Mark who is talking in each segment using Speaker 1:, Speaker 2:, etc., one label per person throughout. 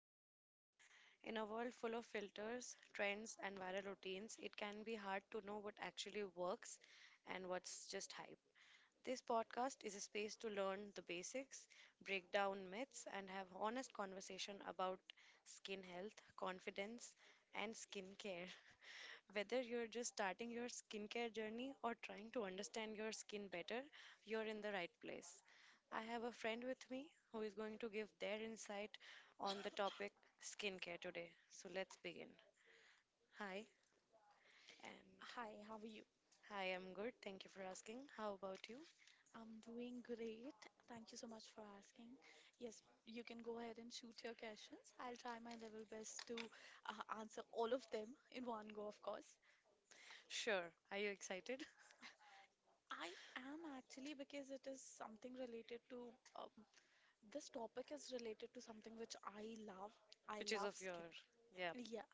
Speaker 1: perfection. In a world full of filters, trends, and viral routines, it can be hard to know what actually works and what's just hype. This podcast is a space to learn the basics, break down myths, and have honest conversation about skin health, confidence, and skincare. Whether you're just starting your skincare journey or trying to understand your skin better, you're in the right place. I have a friend with me who is going to give their insight on the topic skincare today. So let's begin. Hi, and
Speaker 2: Hi, how are you?
Speaker 1: hi, I'm good. Thank you for asking. How about you?
Speaker 2: I'm doing great. Thank you so much for asking. Yes, you can go ahead and shoot your questions. I'll try my level best to answer all of them in one go, of course.
Speaker 1: Sure. Are you excited?
Speaker 2: I am actually, because it is something related to um, this topic is related to something which I love. I
Speaker 1: Which is
Speaker 2: love
Speaker 1: of your. Yeah.
Speaker 2: skincare. Yeah,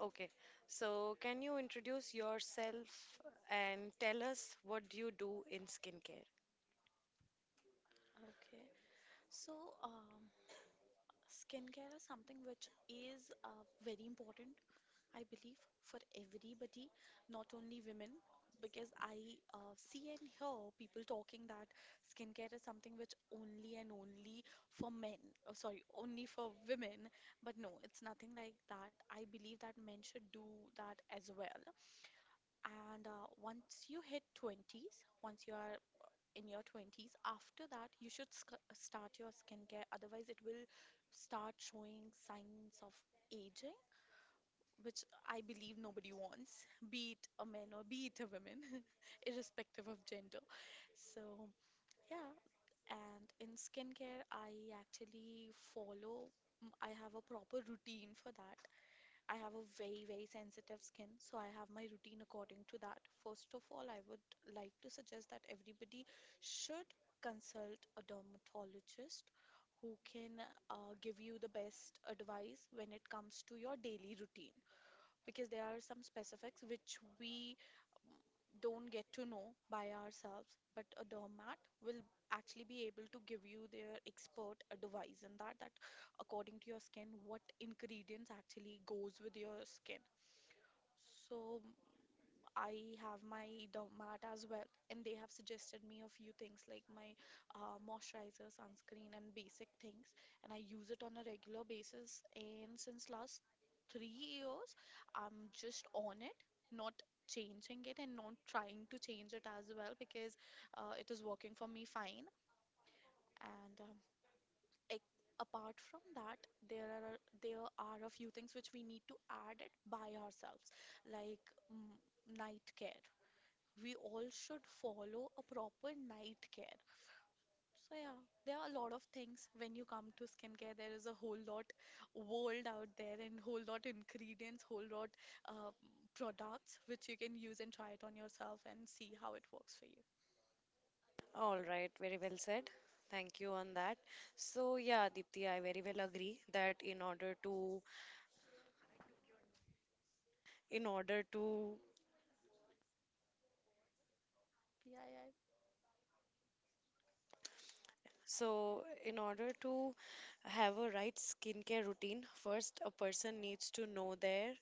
Speaker 1: Okay. So, can you introduce yourself and tell us what do you do in skincare?
Speaker 2: okay. So, um, skincare is something which is very important, I believe, for everybody, not only women, because I see and hear people talking that skincare is something which only and only for men. Oh, sorry, only for women. But no, it's nothing like that. I believe that men should do that as well. And once you hit 20s, once you are in your 20s, after that, you should sc start your skincare. Otherwise, it will start showing signs of aging, which I believe nobody wants, be it a man or be it a woman, irrespective of gender. So, yeah, and in skincare, I actually follow, mm, I have a proper routine for that. I have a very, very sensitive skin, so I have my routine according to that. First of all, I would like to suggest that everybody should consult a dermatologist who can give you the best advice when it comes to your daily routine, because there are some specifics which we don't get to know by ourselves, but a doormat will actually be able to give you their expert advice in that according to your skin what ingredients actually goes with your skin. So I have my dermat as well, and they have suggested me a few things like my moisturizer, sunscreen, and basic things. And I use it on a regular basis. And since last 3 years, I'm just on it, not changing it, and not trying to change it as well, because it is working for me fine. And apart from that, there are a few things which we need to add it by ourselves, like mm, night care. We all should follow a proper night care. So yeah, there are a lot of things when you come to skincare. There is a whole lot world out there, and whole lot ingredients, whole lot uh, products which you can use and try it on yourself and see how it works for you.
Speaker 1: All right, very well said. Thank you on that. So yeah, Deepti, I very well agree that in order to
Speaker 2: PII.
Speaker 1: so in order to have a right skincare routine, first a person needs to know their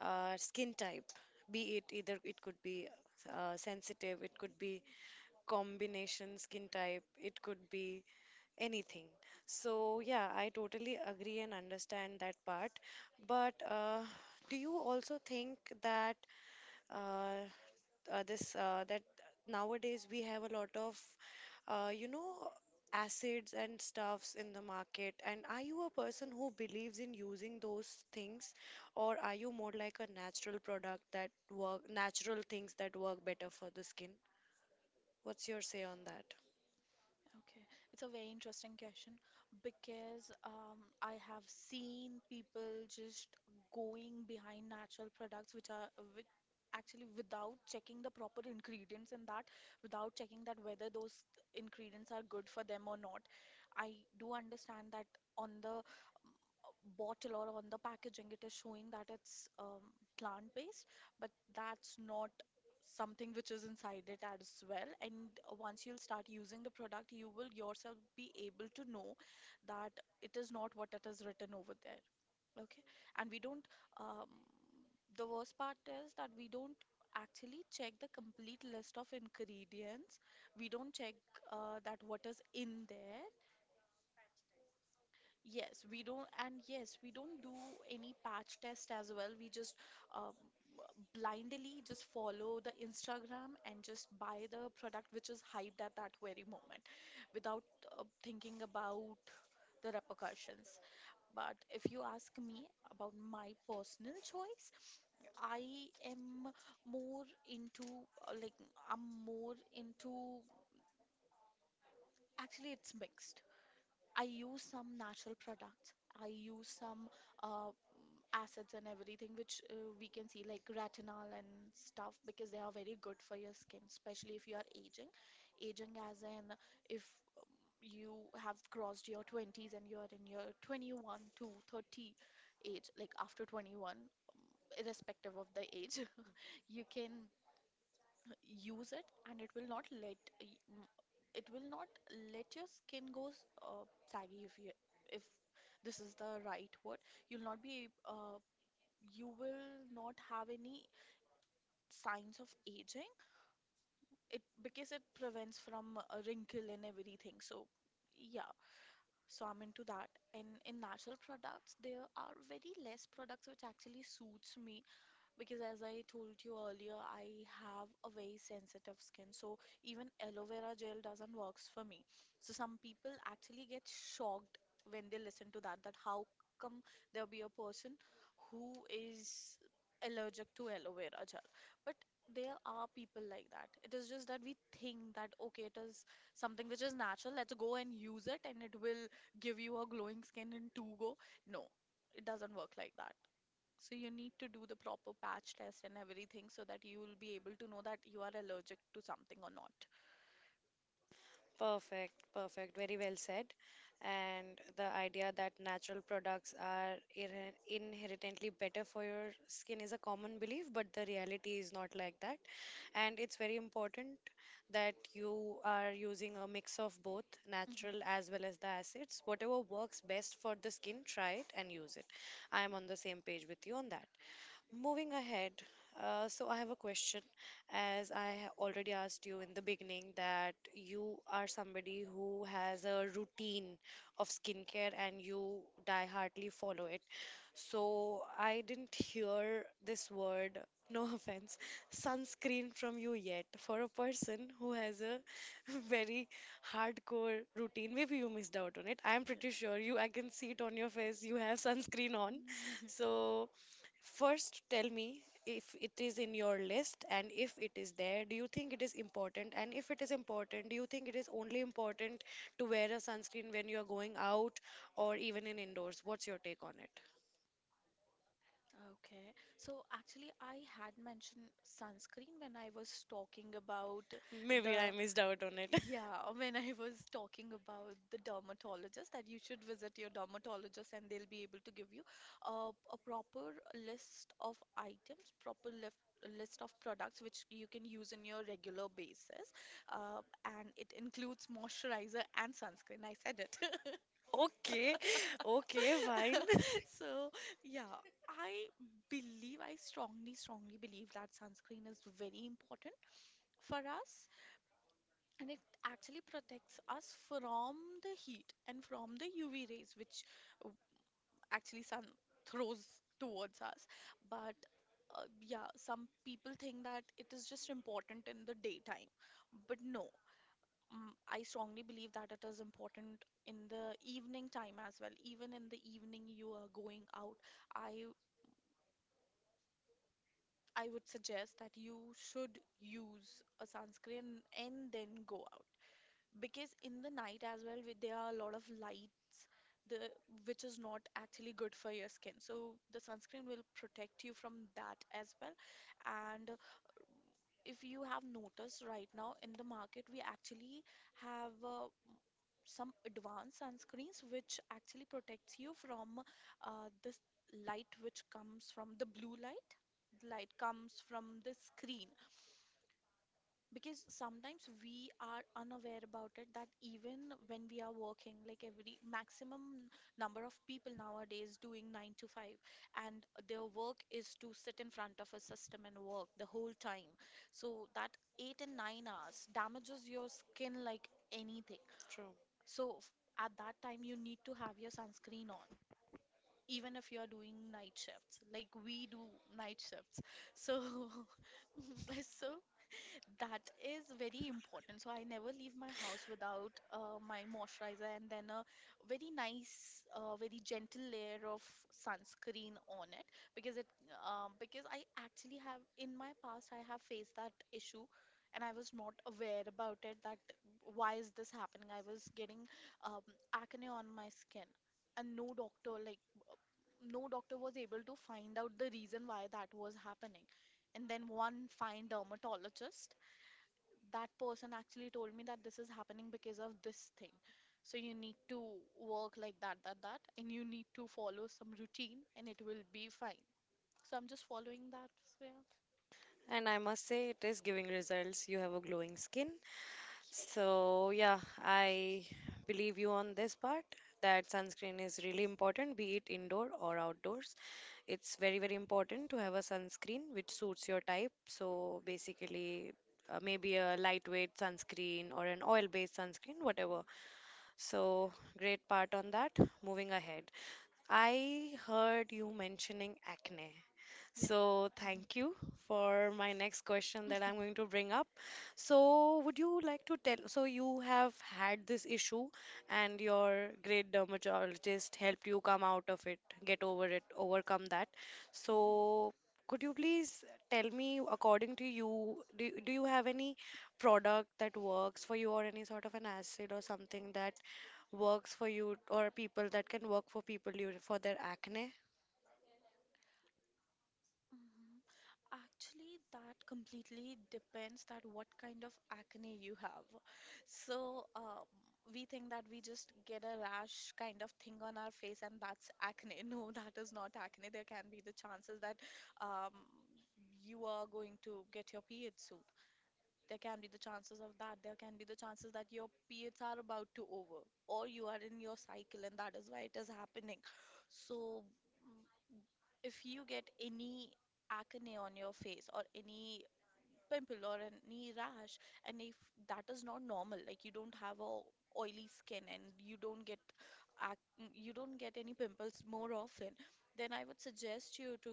Speaker 1: skin type. Be it either it could be sensitive, it could be combination skin type, it could be anything. So yeah, I totally agree and understand that part, but do you also think that uh, this that nowadays we have a lot of uh, you know acids and stuffs in the market, and are you a person who believes in using those things, or are you more like a natural product that work, natural things that work better for the skin? What's your say on that?
Speaker 2: Okay, it's a very interesting question, because I have seen people just going behind natural products which are actually without checking the proper ingredients in that, without checking that whether those ingredients are good for them or not. I do understand that on the bottle or on the packaging it is showing that it's plant-based, but that's not something which is inside it as well. And once you'll start using the product, you will yourself be able to know that it is not what it is written over there. Okay, and we don't. Um, the worst part is that we don't actually check the complete list of ingredients. We don't check, that what is in there. Yes, we don't, and yes, we don't do any patch test as well. We just um, blindly just follow the Instagram and just buy the product which is hyped at that very moment, without thinking about the repercussions. But if you ask me about my personal choice, I am more into, uh, like I'm more into actually, it's mixed. I use some natural products. I use some uh, assets and everything which we can see, like retinol and stuff, because they are very good for your skin, especially if you are aging as in, if um, you have crossed your 20s and you are in your 21 to 30 age, like after 21, irrespective of the age, you can use it, and it will not it will not let your skin goes uh, saggy, if this is the right word, you'll not be uh, you will not have any signs of aging, it, because it prevents from a wrinkle and everything, so yeah, so I'm into that. And in natural products there are very less products which actually suits me, because as I told you earlier, I have a very sensitive skin, so even aloe vera gel doesn't works for me. So some people actually get shocked when they listen to that, that how come there'll be a person who is allergic to aloe vera gel. But there are people like that. It is just that we think that okay, it is something which is natural, let's go and use it, and it will give you a glowing skin in two go. No, it doesn't work like that. So you need to do the proper patch test and everything, so that you will be able to know that you are allergic to something or not.
Speaker 1: Perfect, perfect. Very well said. And the idea that natural products are inherently better for your skin is a common belief, but the reality is not like that. And it's very important that you are using a mix of both
Speaker 2: Mhm.
Speaker 1: natural as well as the acids. Whatever works best for the skin, try it and use it. I am on the same page with you on that. Moving ahead, so I have a question. As I already asked you in the beginning, that you are somebody who has a routine of skincare and you die-hardly follow it. So I didn't hear this word, no, offense, sunscreen from you yet. For a person who has a very hardcore routine, maybe you missed out on it.
Speaker 2: Yeah.
Speaker 1: I'm
Speaker 2: Yeah.
Speaker 1: pretty sure you, I can see it on your face, you have sunscreen on. So first, tell me if it is in your list, and if it is there, do you think it is important? And if it is important, do you think it is only important to wear a sunscreen when you are going out, or even in indoors? What's your take on it?
Speaker 2: Okay, so actually, I had mentioned sunscreen when I was talking about
Speaker 1: Maybe I
Speaker 2: the.
Speaker 1: missed out on it.
Speaker 2: Yeah, when I was talking about the dermatologist, that you should visit your dermatologist and they'll be able to give you a proper list of items, proper list of products which you can use in your regular basis. Uh, and it includes moisturizer and sunscreen. I said it.
Speaker 1: Okay, okay, fine.
Speaker 2: So, yeah, I I strongly, strongly believe that sunscreen is very important for us, and it actually protects us from the heat and from the UV rays which uh, actually sun throws towards us. But yeah, some people think that it is just important in the daytime, but no, I strongly believe that it is important in the evening time as well. Even in the evening you are going out, i I would suggest that you should use a sunscreen and then go out, because in the night as well there are a lot of lights, the which is not actually good for your skin, so the sunscreen will protect you from that as well. And if you have noticed, right now in the market we actually have some advanced sunscreens which actually protects you from this light which comes from the blue light, the light comes from the screen. Because sometimes we are unaware about it, that even when we are working, like every maximum number of people nowadays doing 9 to 5, and their work is to sit in front of a system and work the whole time, so that 8 and 9 hours damages your skin like anything.
Speaker 1: True.
Speaker 2: So at that time you need to have your sunscreen on, even if you're doing night shifts like we do night shifts, so so that is very important. So I never leave my house without my moisturizer and then a very nice, very gentle layer of sunscreen on it, because it because I actually have in my past I have faced that issue, and I was not aware about it, that why is this happening? I was getting um, acne on my skin, and no doctor was able to find out the reason why that was happening. And then one fine dermatologist, that person actually told me that this is happening because of this thing. So you need to work like that, that, that, and you need to follow some routine and it will be fine. So I'm just following that. So
Speaker 1: And I must say, it is giving results. You have a glowing skin. So, yeah, I believe you on this part that sunscreen is really important, be it indoor or outdoors. It's very, very important to have a sunscreen which suits your type. So, basically, maybe a lightweight sunscreen or an oil-based sunscreen, whatever. So, great part on that. Moving ahead, I heard you mentioning acne.
Speaker 2: yeah.
Speaker 1: So,
Speaker 2: Yeah.
Speaker 1: thank you for my next question that
Speaker 2: Mhm.
Speaker 1: I'm going to bring up. So, would you like to tell? So, you have had this issue, and your great dermatologist helped you come out of it, get over it, overcome that. So, could you please tell me, according to you, do you have any product that works for you, or any sort of an acid or something that works for you, or people that can work for people you, for their acne?
Speaker 2: Mhm. Actually, that completely depends that what kind of acne you have. So, we think that we just get a rash kind of thing on our face and that's acne. No, that is not acne. There can be the chances that um, you are going to get your period soon. There can be the chances of that. There can be the chances that your periods are about to over or you are in your cycle and that is why it is happening. So, if you get any acne on your face or any pimple or any rash, and if that is not normal, like you don't have a oily skin and you don't get ac you don't get any pimples more often, then I would suggest you to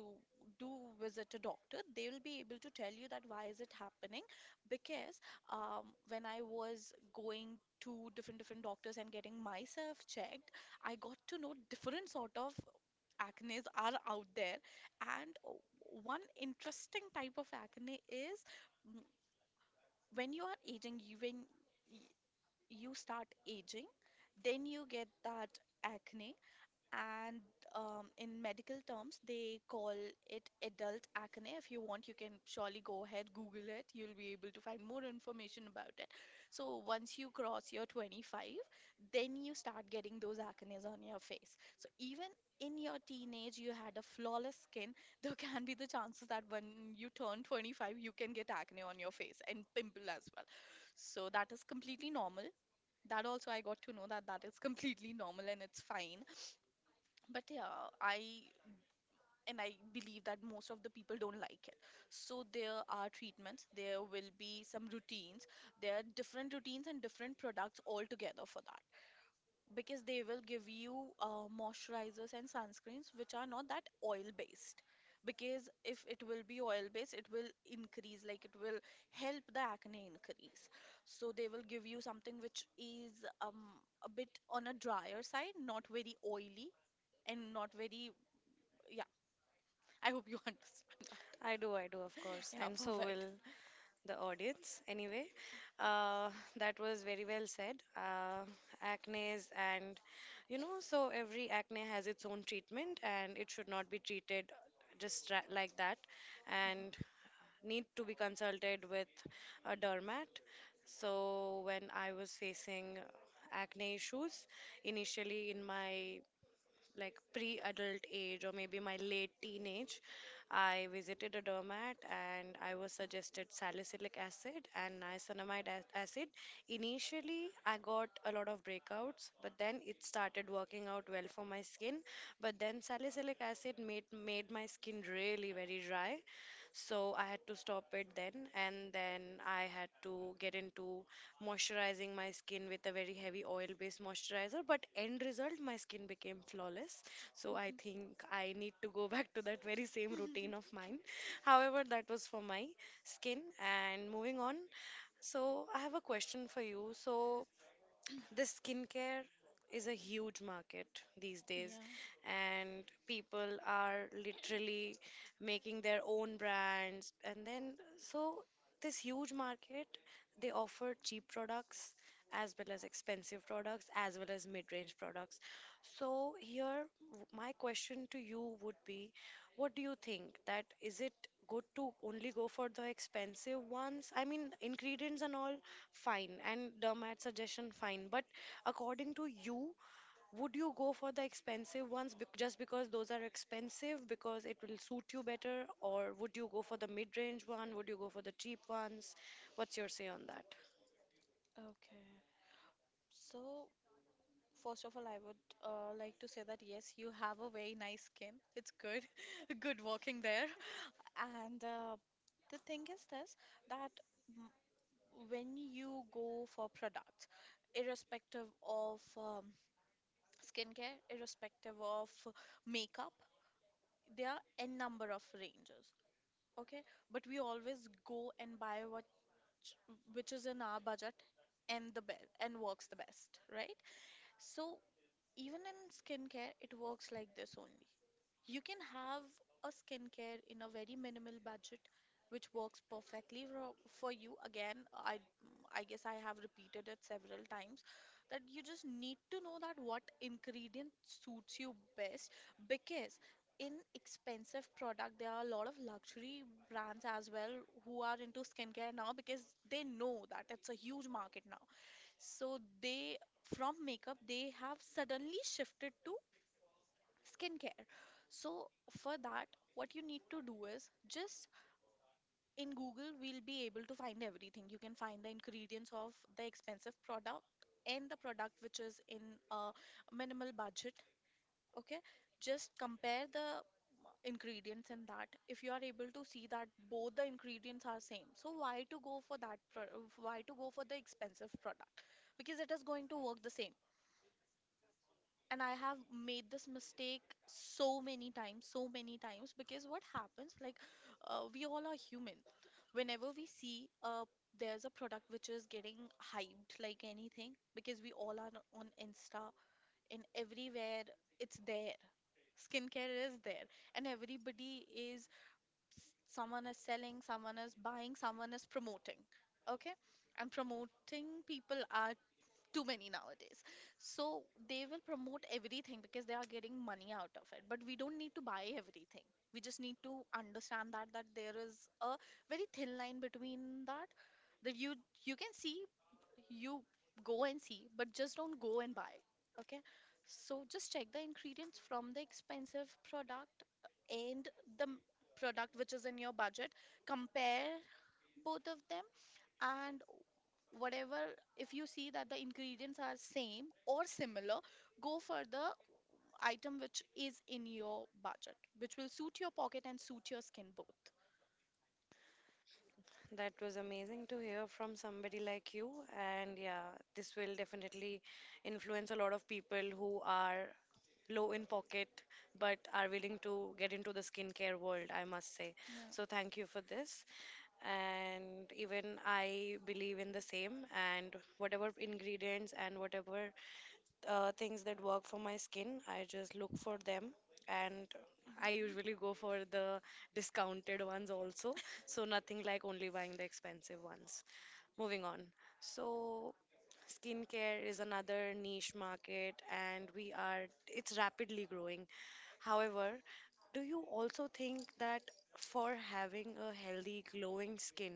Speaker 2: do visit a doctor. They will be able to tell you that why is it happening. Because when I was going to different different doctors and getting myself checked, I got to know different sort of acnes are out there. And one interesting type of acne is, mm, when you are aging you when y- you start aging, then you get that acne. And in medical terms they call it adult acne. If you want, you can surely go ahead, google it, you'll be able to find more information about it. So once you cross your 25, then you start getting those acnes on your face. So even in your teenage you had a flawless skin. There can be the chances that when you turn 25 you can get acne on your face and pimple as well. So that is completely normal. That also I got to know, that that is completely normal and it's fine. But yeah, I believe that most of the people don't like it. So there are treatments, there will be some routines, there are different routines and different products altogether for that, because they will give you moisturizers and sunscreens which are not that oil based. Because if it will be oil based, it will increase, like it will help the acne increase. So they will give you something which is um, a bit on a drier side, not very oily and not very, yeah. I hope you understand that.
Speaker 1: I do, of course,
Speaker 2: Yeah,
Speaker 1: and so
Speaker 2: perfect.
Speaker 1: will the audience anyway. uh, that was very well said. Acnes, and you know, so every acne has its own treatment and it should not be treated just like that, and need to be consulted with a dermat. So when I was facing acne issues initially in my like pre-adult age, or maybe my late teenage, I visited a doormat and I was suggested salicylic acid and niacinamide acid. Initially, I got a lot of breakouts, but then it started working out well for my skin. But then salicylic acid made my skin really very dry, so I had to stop it then. And then I had to get into moisturizing my skin with a very heavy oil based moisturizer, but end result, my skin became flawless. So
Speaker 2: Mhm.
Speaker 1: I
Speaker 2: Mhm.
Speaker 1: think I need to go back to that very same routine of mine. However, that was for my skin. And moving on, so I have a question for you. So the skincare is a huge market these days,
Speaker 2: Yeah,
Speaker 1: and people are literally making their own brands, and then so this huge market, they offer cheap products as well as expensive products as well as mid-range products. So here, my question to you would be, what do you think? That, is it good to only go for the expensive ones? I mean, ingredients and all fine, and Dermat suggestion fine. But according to you, would you go for the expensive ones just because those are expensive, because it will suit you better, or would you go for the mid-range one? Would you go for the cheap ones? What's your say on that?
Speaker 2: okay. So, first of all, I would like to say that yes, you have a very nice skin. It's good, good working there. And the thing is this, that m- when you go for products, irrespective of skincare, irrespective of makeup, there are n number of ranges, okay, but we always go and buy what, which is in our budget and the best and works the best, right? So even in skincare it works like this only. You can have a skincare in a very minimal budget, which works perfectly for you. Again, I guess I have repeated it several times that you just need to know that what ingredient suits you best. Because in expensive product there are a lot of luxury brands as well who are into skincare now, because they know that it's a huge market now. So they, from makeup they have suddenly shifted to skincare. So, for that, what you need to do is just, in Google, we'll be able to find everything. You can find the ingredients of the expensive product and the product which is in a minimal budget. Okay, just compare the ingredients in that. If you are able to see that both the ingredients are same, so why to go for that why to go for the expensive product, because it is going to work the same. And I have made this mistake so many times, so many times. Because what happens, like, we all are human. Whenever we see a, there's a product which is getting hyped like anything, because we all are on insta and everywhere it's there, skincare is there, and everybody is, someone is selling, someone is buying, someone is promoting, okay, and promoting people are too many nowadays. So they will promote everything because they are getting money out of it, but we don't need to buy everything. We just need to understand that, that there is a very thin line between that, that you can see, you go and see, but just don't go and buy, okay. So just check the ingredients from the expensive product and the product which is in your budget, compare both of them, and whatever, if you see that the ingredients are same or similar, go for the item which is in your budget, which will suit your pocket and suit your skin both.
Speaker 1: That was amazing to hear from somebody like you. And yeah, this will definitely influence a lot of people who are low in pocket but are willing to get into the skincare world, I must say.
Speaker 2: Yeah.
Speaker 1: So thank you for this. And even I believe in the same. And whatever ingredients and whatever things that work for my skin, I just look for them, and I usually go for the discounted ones also. So nothing like only buying the expensive ones. Moving on. So skincare is another niche market, and we are it's rapidly growing. However, do you also think that for having a healthy glowing skin,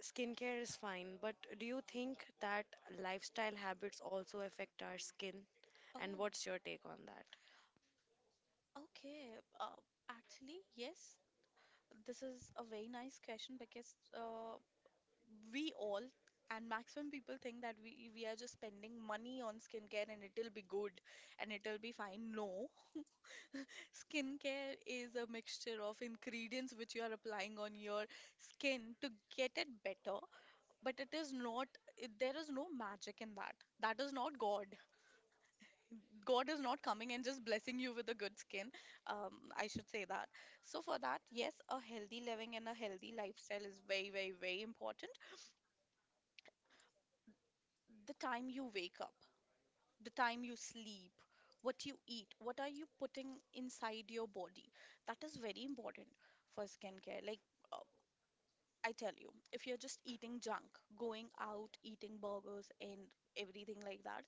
Speaker 1: skincare is fine, but do you think that lifestyle habits also affect our skin? And
Speaker 2: Oh,
Speaker 1: what's your take on that?
Speaker 2: okay. Uh, actually, yes, this is a very nice question, because we all and maximum people think that we are just spending money on skincare and it'll be good and it'll be fine. No, skincare is a mixture of ingredients which you are applying on your skin to get it better, but it is not, it, there is no magic in that. That is not God. God is not coming and just blessing you with a good skin. I should say that. So, for that, yes, a healthy living and a healthy lifestyle is very, very, very important. The time you wake up, the time you sleep, what you eat, what are you putting inside your body? That is very important for skincare. Like, I tell you, if you're just eating junk, going out, eating burgers and everything like that,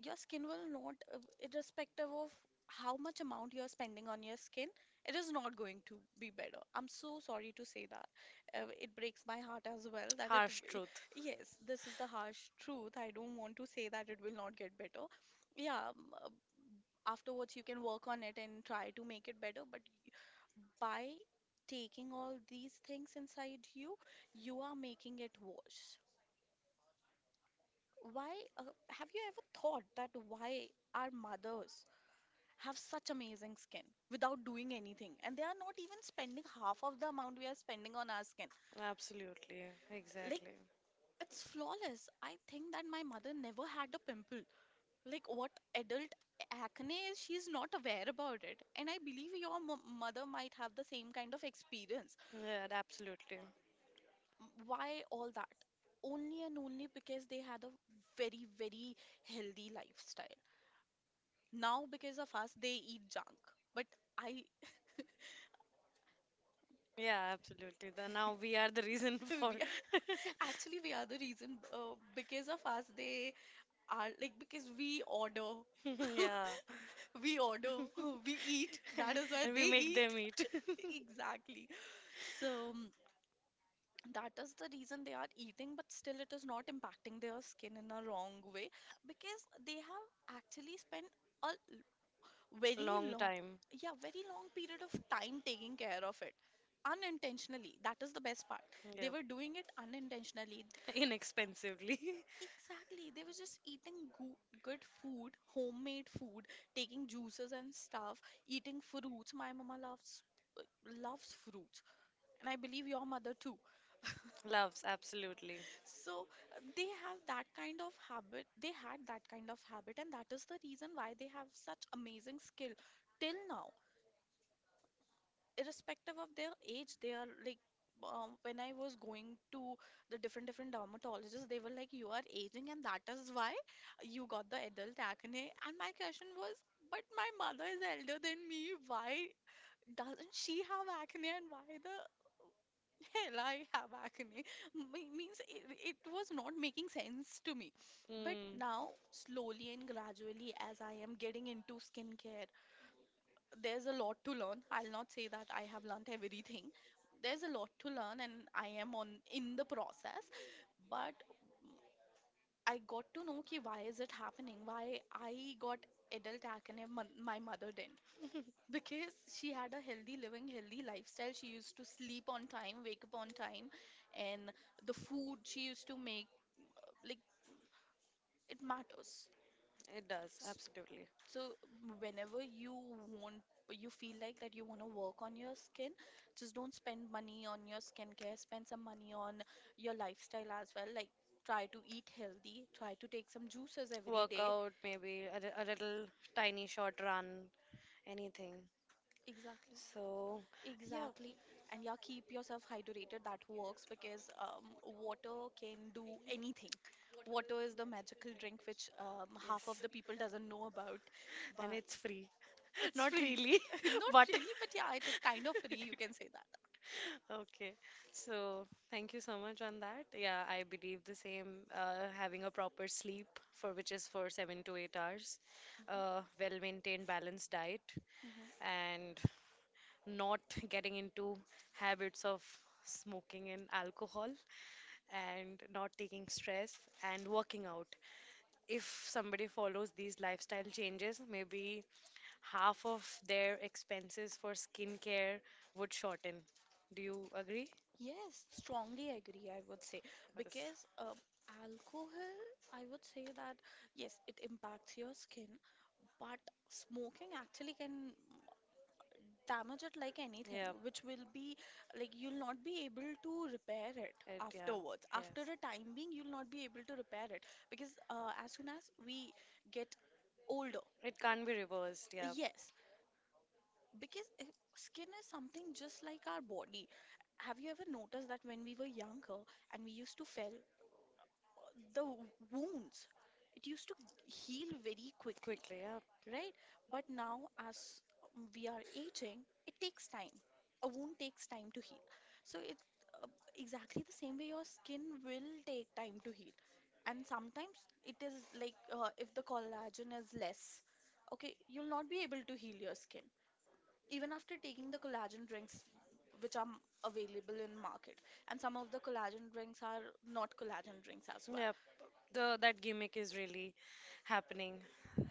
Speaker 2: your skin will not, irrespective of how much amount you're spending on your skin, it is not going to be better. I'm so sorry to say that. It breaks my heart as well that it,
Speaker 1: Harsh truth.
Speaker 2: yes, this is the harsh truth. I don't want to say that it will not get better. Yeah, afterwards you can work on it and try to make it better, but by taking all these things inside you, you are making it worse. Why uh, have you ever thought that why our mothers have such amazing skin without doing anything, and they are not even spending half of the amount we are spending on our skin?
Speaker 1: Absolutely.
Speaker 2: Like
Speaker 1: Exactly.
Speaker 2: it's flawless. I think that my mother never had a pimple. Like what adult acne is, she's not aware about it. And I believe your m mother might have the same kind of experience.
Speaker 1: Yeah, absolutely.
Speaker 2: Why all that? Only and only because they had a very, very healthy lifestyle. Now, because of us, they eat junk. But I,
Speaker 1: Yeah, absolutely. The, now we are the reason for.
Speaker 2: we are, actually, we are the reason. Because of us, they are like, because we order,
Speaker 1: Yeah.
Speaker 2: we order, we eat. That is why
Speaker 1: And we
Speaker 2: they
Speaker 1: make
Speaker 2: eat.
Speaker 1: them eat.
Speaker 2: Exactly. So that is the reason they are eating, but still it is not impacting their skin in a wrong way, because they have actually spent a very
Speaker 1: Long
Speaker 2: long,
Speaker 1: time.
Speaker 2: yeah, very long period of time taking care of it unintentionally. That is the best part, they
Speaker 1: Yep.
Speaker 2: were doing it unintentionally.
Speaker 1: Inexpensively.
Speaker 2: Exactly. They were just eating good food, homemade food, taking juices and stuff, eating fruits. My mama loves, uh, loves fruits, and I believe your mother too.
Speaker 1: Loves, absolutely.
Speaker 2: So they have that kind of habit, they had that kind of habit, and that is the reason why they have such amazing skill till now, irrespective of their age. They are like, when I was going to the different different dermatologists, they were like, you are aging and that is why you got the adult acne. And my question was, but my mother is elder than me, why doesn't she have acne and why the hell I have acne. Means it, it was not making sense to me. But
Speaker 1: Mm.
Speaker 2: now, slowly and gradually, as I am getting into skincare, there's a lot to learn. I'll not say that I have learned everything. There's a lot to learn and I am on in the process. But I got to know ki, why is it happening? Why I got adult acne, my mother didn't. Because she had a healthy living, healthy lifestyle. She used to sleep on time, wake up on time, and the food she used to make, like, it matters.
Speaker 1: It does, absolutely.
Speaker 2: So whenever you want, you feel like that you want to work on your skin, just don't spend money on your skincare. Spend some money on your lifestyle as well. Like, try to eat healthy, try to take some juices every day.
Speaker 1: Workout, maybe a, a little tiny short run, anything.
Speaker 2: Exactly.
Speaker 1: So,
Speaker 2: Exactly. And
Speaker 1: yeah,
Speaker 2: yeah, keep yourself hydrated. That works because water can do anything. Water is the magical drink which half of
Speaker 1: yes.
Speaker 2: the people doesn't know about.
Speaker 1: And
Speaker 2: But
Speaker 1: it's free.
Speaker 2: it's
Speaker 1: Not
Speaker 2: free.
Speaker 1: really,
Speaker 2: Not
Speaker 1: but
Speaker 2: really, but yeah, it is kind of free, you can say that.
Speaker 1: okay. So thank you so much on that. Yeah, I believe the same. Having a proper sleep, for which is for 7 to 8 hours,
Speaker 2: Mhm.
Speaker 1: well-maintained, balanced diet,
Speaker 2: Mhm.
Speaker 1: and not getting into habits of smoking and alcohol, and not taking stress, and working out. If somebody follows these lifestyle changes, maybe half of their expenses for skincare would shorten. Do you agree?
Speaker 2: Yes, strongly agree, I would say.
Speaker 1: Yes.
Speaker 2: Because alcohol, I would say that yes, it impacts your skin, but smoking actually can damage it like anything,
Speaker 1: Yeah.
Speaker 2: which will be like you'll not be able to repair it
Speaker 1: It, yeah.
Speaker 2: afterwards. After
Speaker 1: Yes.
Speaker 2: a time being, you'll not be able to repair it. Because as soon as we get older,
Speaker 1: It can't be reversed. Yeah.
Speaker 2: yes, because skin is something just like our body. Have you ever noticed that when we were younger and we used to fell, the wounds, it used to heal very quickly,
Speaker 1: Quickly. Yeah.
Speaker 2: right? But now, as we are aging, it takes time. A wound takes time to heal. So it uh, exactly the same way your skin will take time to heal. And sometimes it is like if the collagen is less, okay, you'll not be able to heal your skin even after taking the collagen drinks which are available in market. And some of the collagen drinks are not collagen drinks as well.
Speaker 1: Yep. The that gimmick is really happening.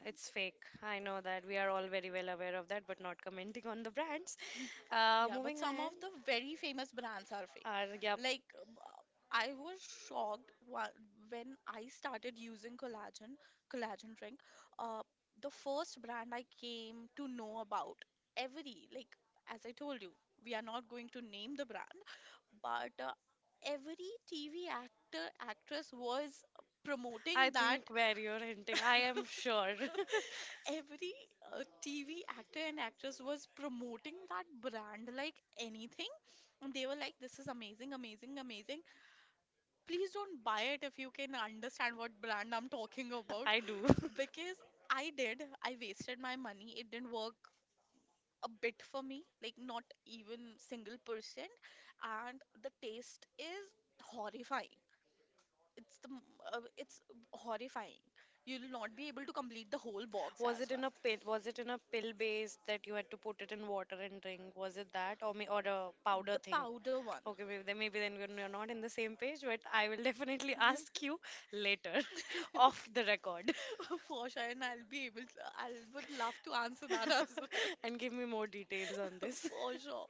Speaker 1: It's fake. I know that we are all very well aware of that, but not commenting on the brands.
Speaker 2: Yeah, but
Speaker 1: Moving
Speaker 2: some
Speaker 1: ahead.
Speaker 2: of the very famous brands are fake.
Speaker 1: Yep.
Speaker 2: Like, I was shocked when I started using collagen, collagen drink. Uh, the first brand I came to know about, every, like, as I told you, we are not going to name the brand, but every TV actor, actress was
Speaker 1: I
Speaker 2: promoting that.
Speaker 1: think where you're hinting, I am sure.
Speaker 2: Every TV actor and actress was promoting that brand like anything. And they were like, this is amazing, amazing, amazing, please don't buy it if you can understand what brand I'm talking about.
Speaker 1: I do.
Speaker 2: Because I did, I wasted my money, it didn't work a bit for me, like not even single percent. And the taste is horrifying. It's the it's horrifying. You'll not be able to complete the whole box
Speaker 1: Was
Speaker 2: as
Speaker 1: it in
Speaker 2: well.
Speaker 1: a pill? Was it in a pill base that you had to put it in water and drink? Was it that, or may, or a powder
Speaker 2: The
Speaker 1: thing?
Speaker 2: powder one.
Speaker 1: Okay, maybe then, maybe then we're not in the same page, but I will definitely ask you later, off the record,
Speaker 2: For sure, and I'll be able to, I would love to answer that as well.
Speaker 1: and give me more details on this.
Speaker 2: For sure.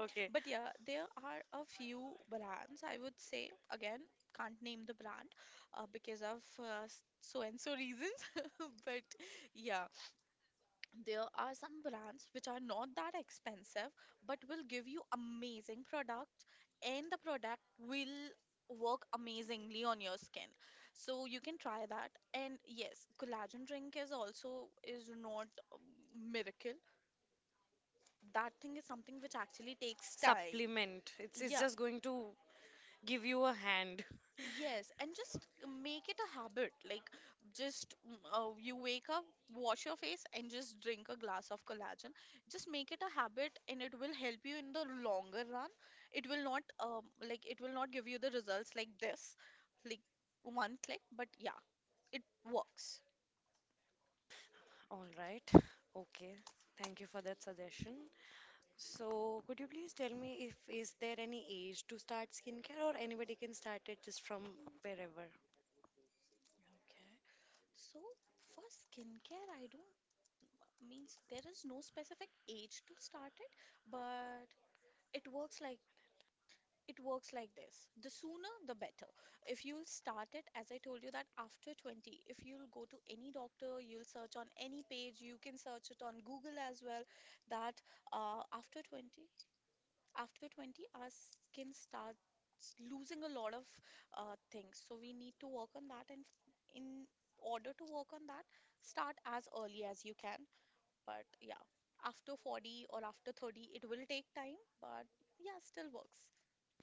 Speaker 1: Okay,
Speaker 2: But yeah, there are a few brands, I would say. Again, can't name the brand because of so and so reasons. But yeah, there are some brands which are not that expensive but will give you amazing products, and the product will work amazingly on your skin. So you can try that. And yes, collagen drink is also is not miracle. That thing is something which actually takes time.
Speaker 1: supplement. It's
Speaker 2: Yeah.
Speaker 1: just going to give you a hand.
Speaker 2: Yes, and just make it a habit. Like, just you wake up, wash your face, and just drink a glass of collagen. Just make it a habit, and it will help you in the longer run. It will not, like, it will not give you the results like this, like one click, but yeah, it works.
Speaker 1: All right. Okay. Thank you for that suggestion. So, could you please tell me, if is there any age to start skincare, or anybody can start it just from wherever?
Speaker 2: Okay. So, for skincare, I don't means there is no specific age to start it, but it works like, it works like this, the sooner the better. If you'll start it, as I told you that, after 20, if you'll go to any doctor, you'll search on any page, you can search it on google as well, that after 20, after 20, our skin starts losing a lot of things. So we need to work on that, and in order to work on that, start as early as you can. But yeah, after 40 or after 30, it will take time, but yeah, still works.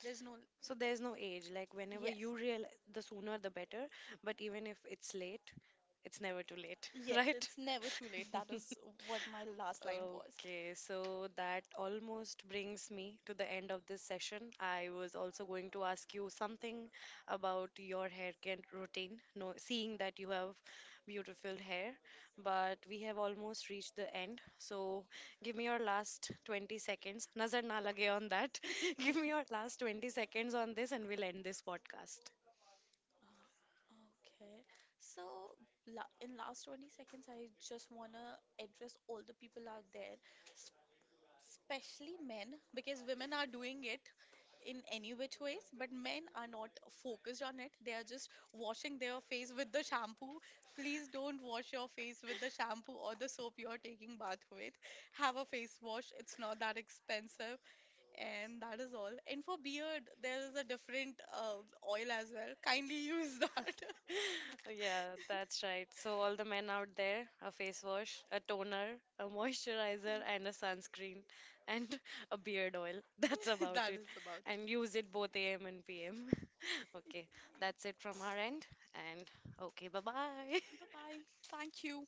Speaker 2: There's no.
Speaker 1: So there's no age, like whenever you
Speaker 2: Yes.
Speaker 1: real, the sooner the better, but even if it's late, it's never too late,
Speaker 2: Yes,
Speaker 1: right?
Speaker 2: it's never too late. That is what my last line was.
Speaker 1: Okay, so that almost brings me to the end of this session. I was also going to ask you something about your hair care routine, no, seeing that you have beautiful hair, but we have almost reached the end. So give me your last 20 seconds. Nazar na lage on that. Give me your last 20 seconds on this and we'll end this podcast.
Speaker 2: Okay. So, la in last 20 seconds, I just want to address all the people out there, especially men, because women are doing it in any which ways, but men are not focused on it. They are just washing their face with the shampoo. Please don't wash your face with the shampoo or the soap you are taking bath with. Have a face wash, it's not that expensive. And that is all. And for beard there is a different oil as well, kindly use that.
Speaker 1: Yeah, that's right. So, all the men out there, a face wash, a toner, a moisturizer, and a sunscreen, and a beard oil. That's about it. Is about
Speaker 2: That
Speaker 1: it.
Speaker 2: is about.
Speaker 1: And use it both a.m. and PM. Okay, that's it from our end. And okay, bye bye.
Speaker 2: Bye bye. Thank you.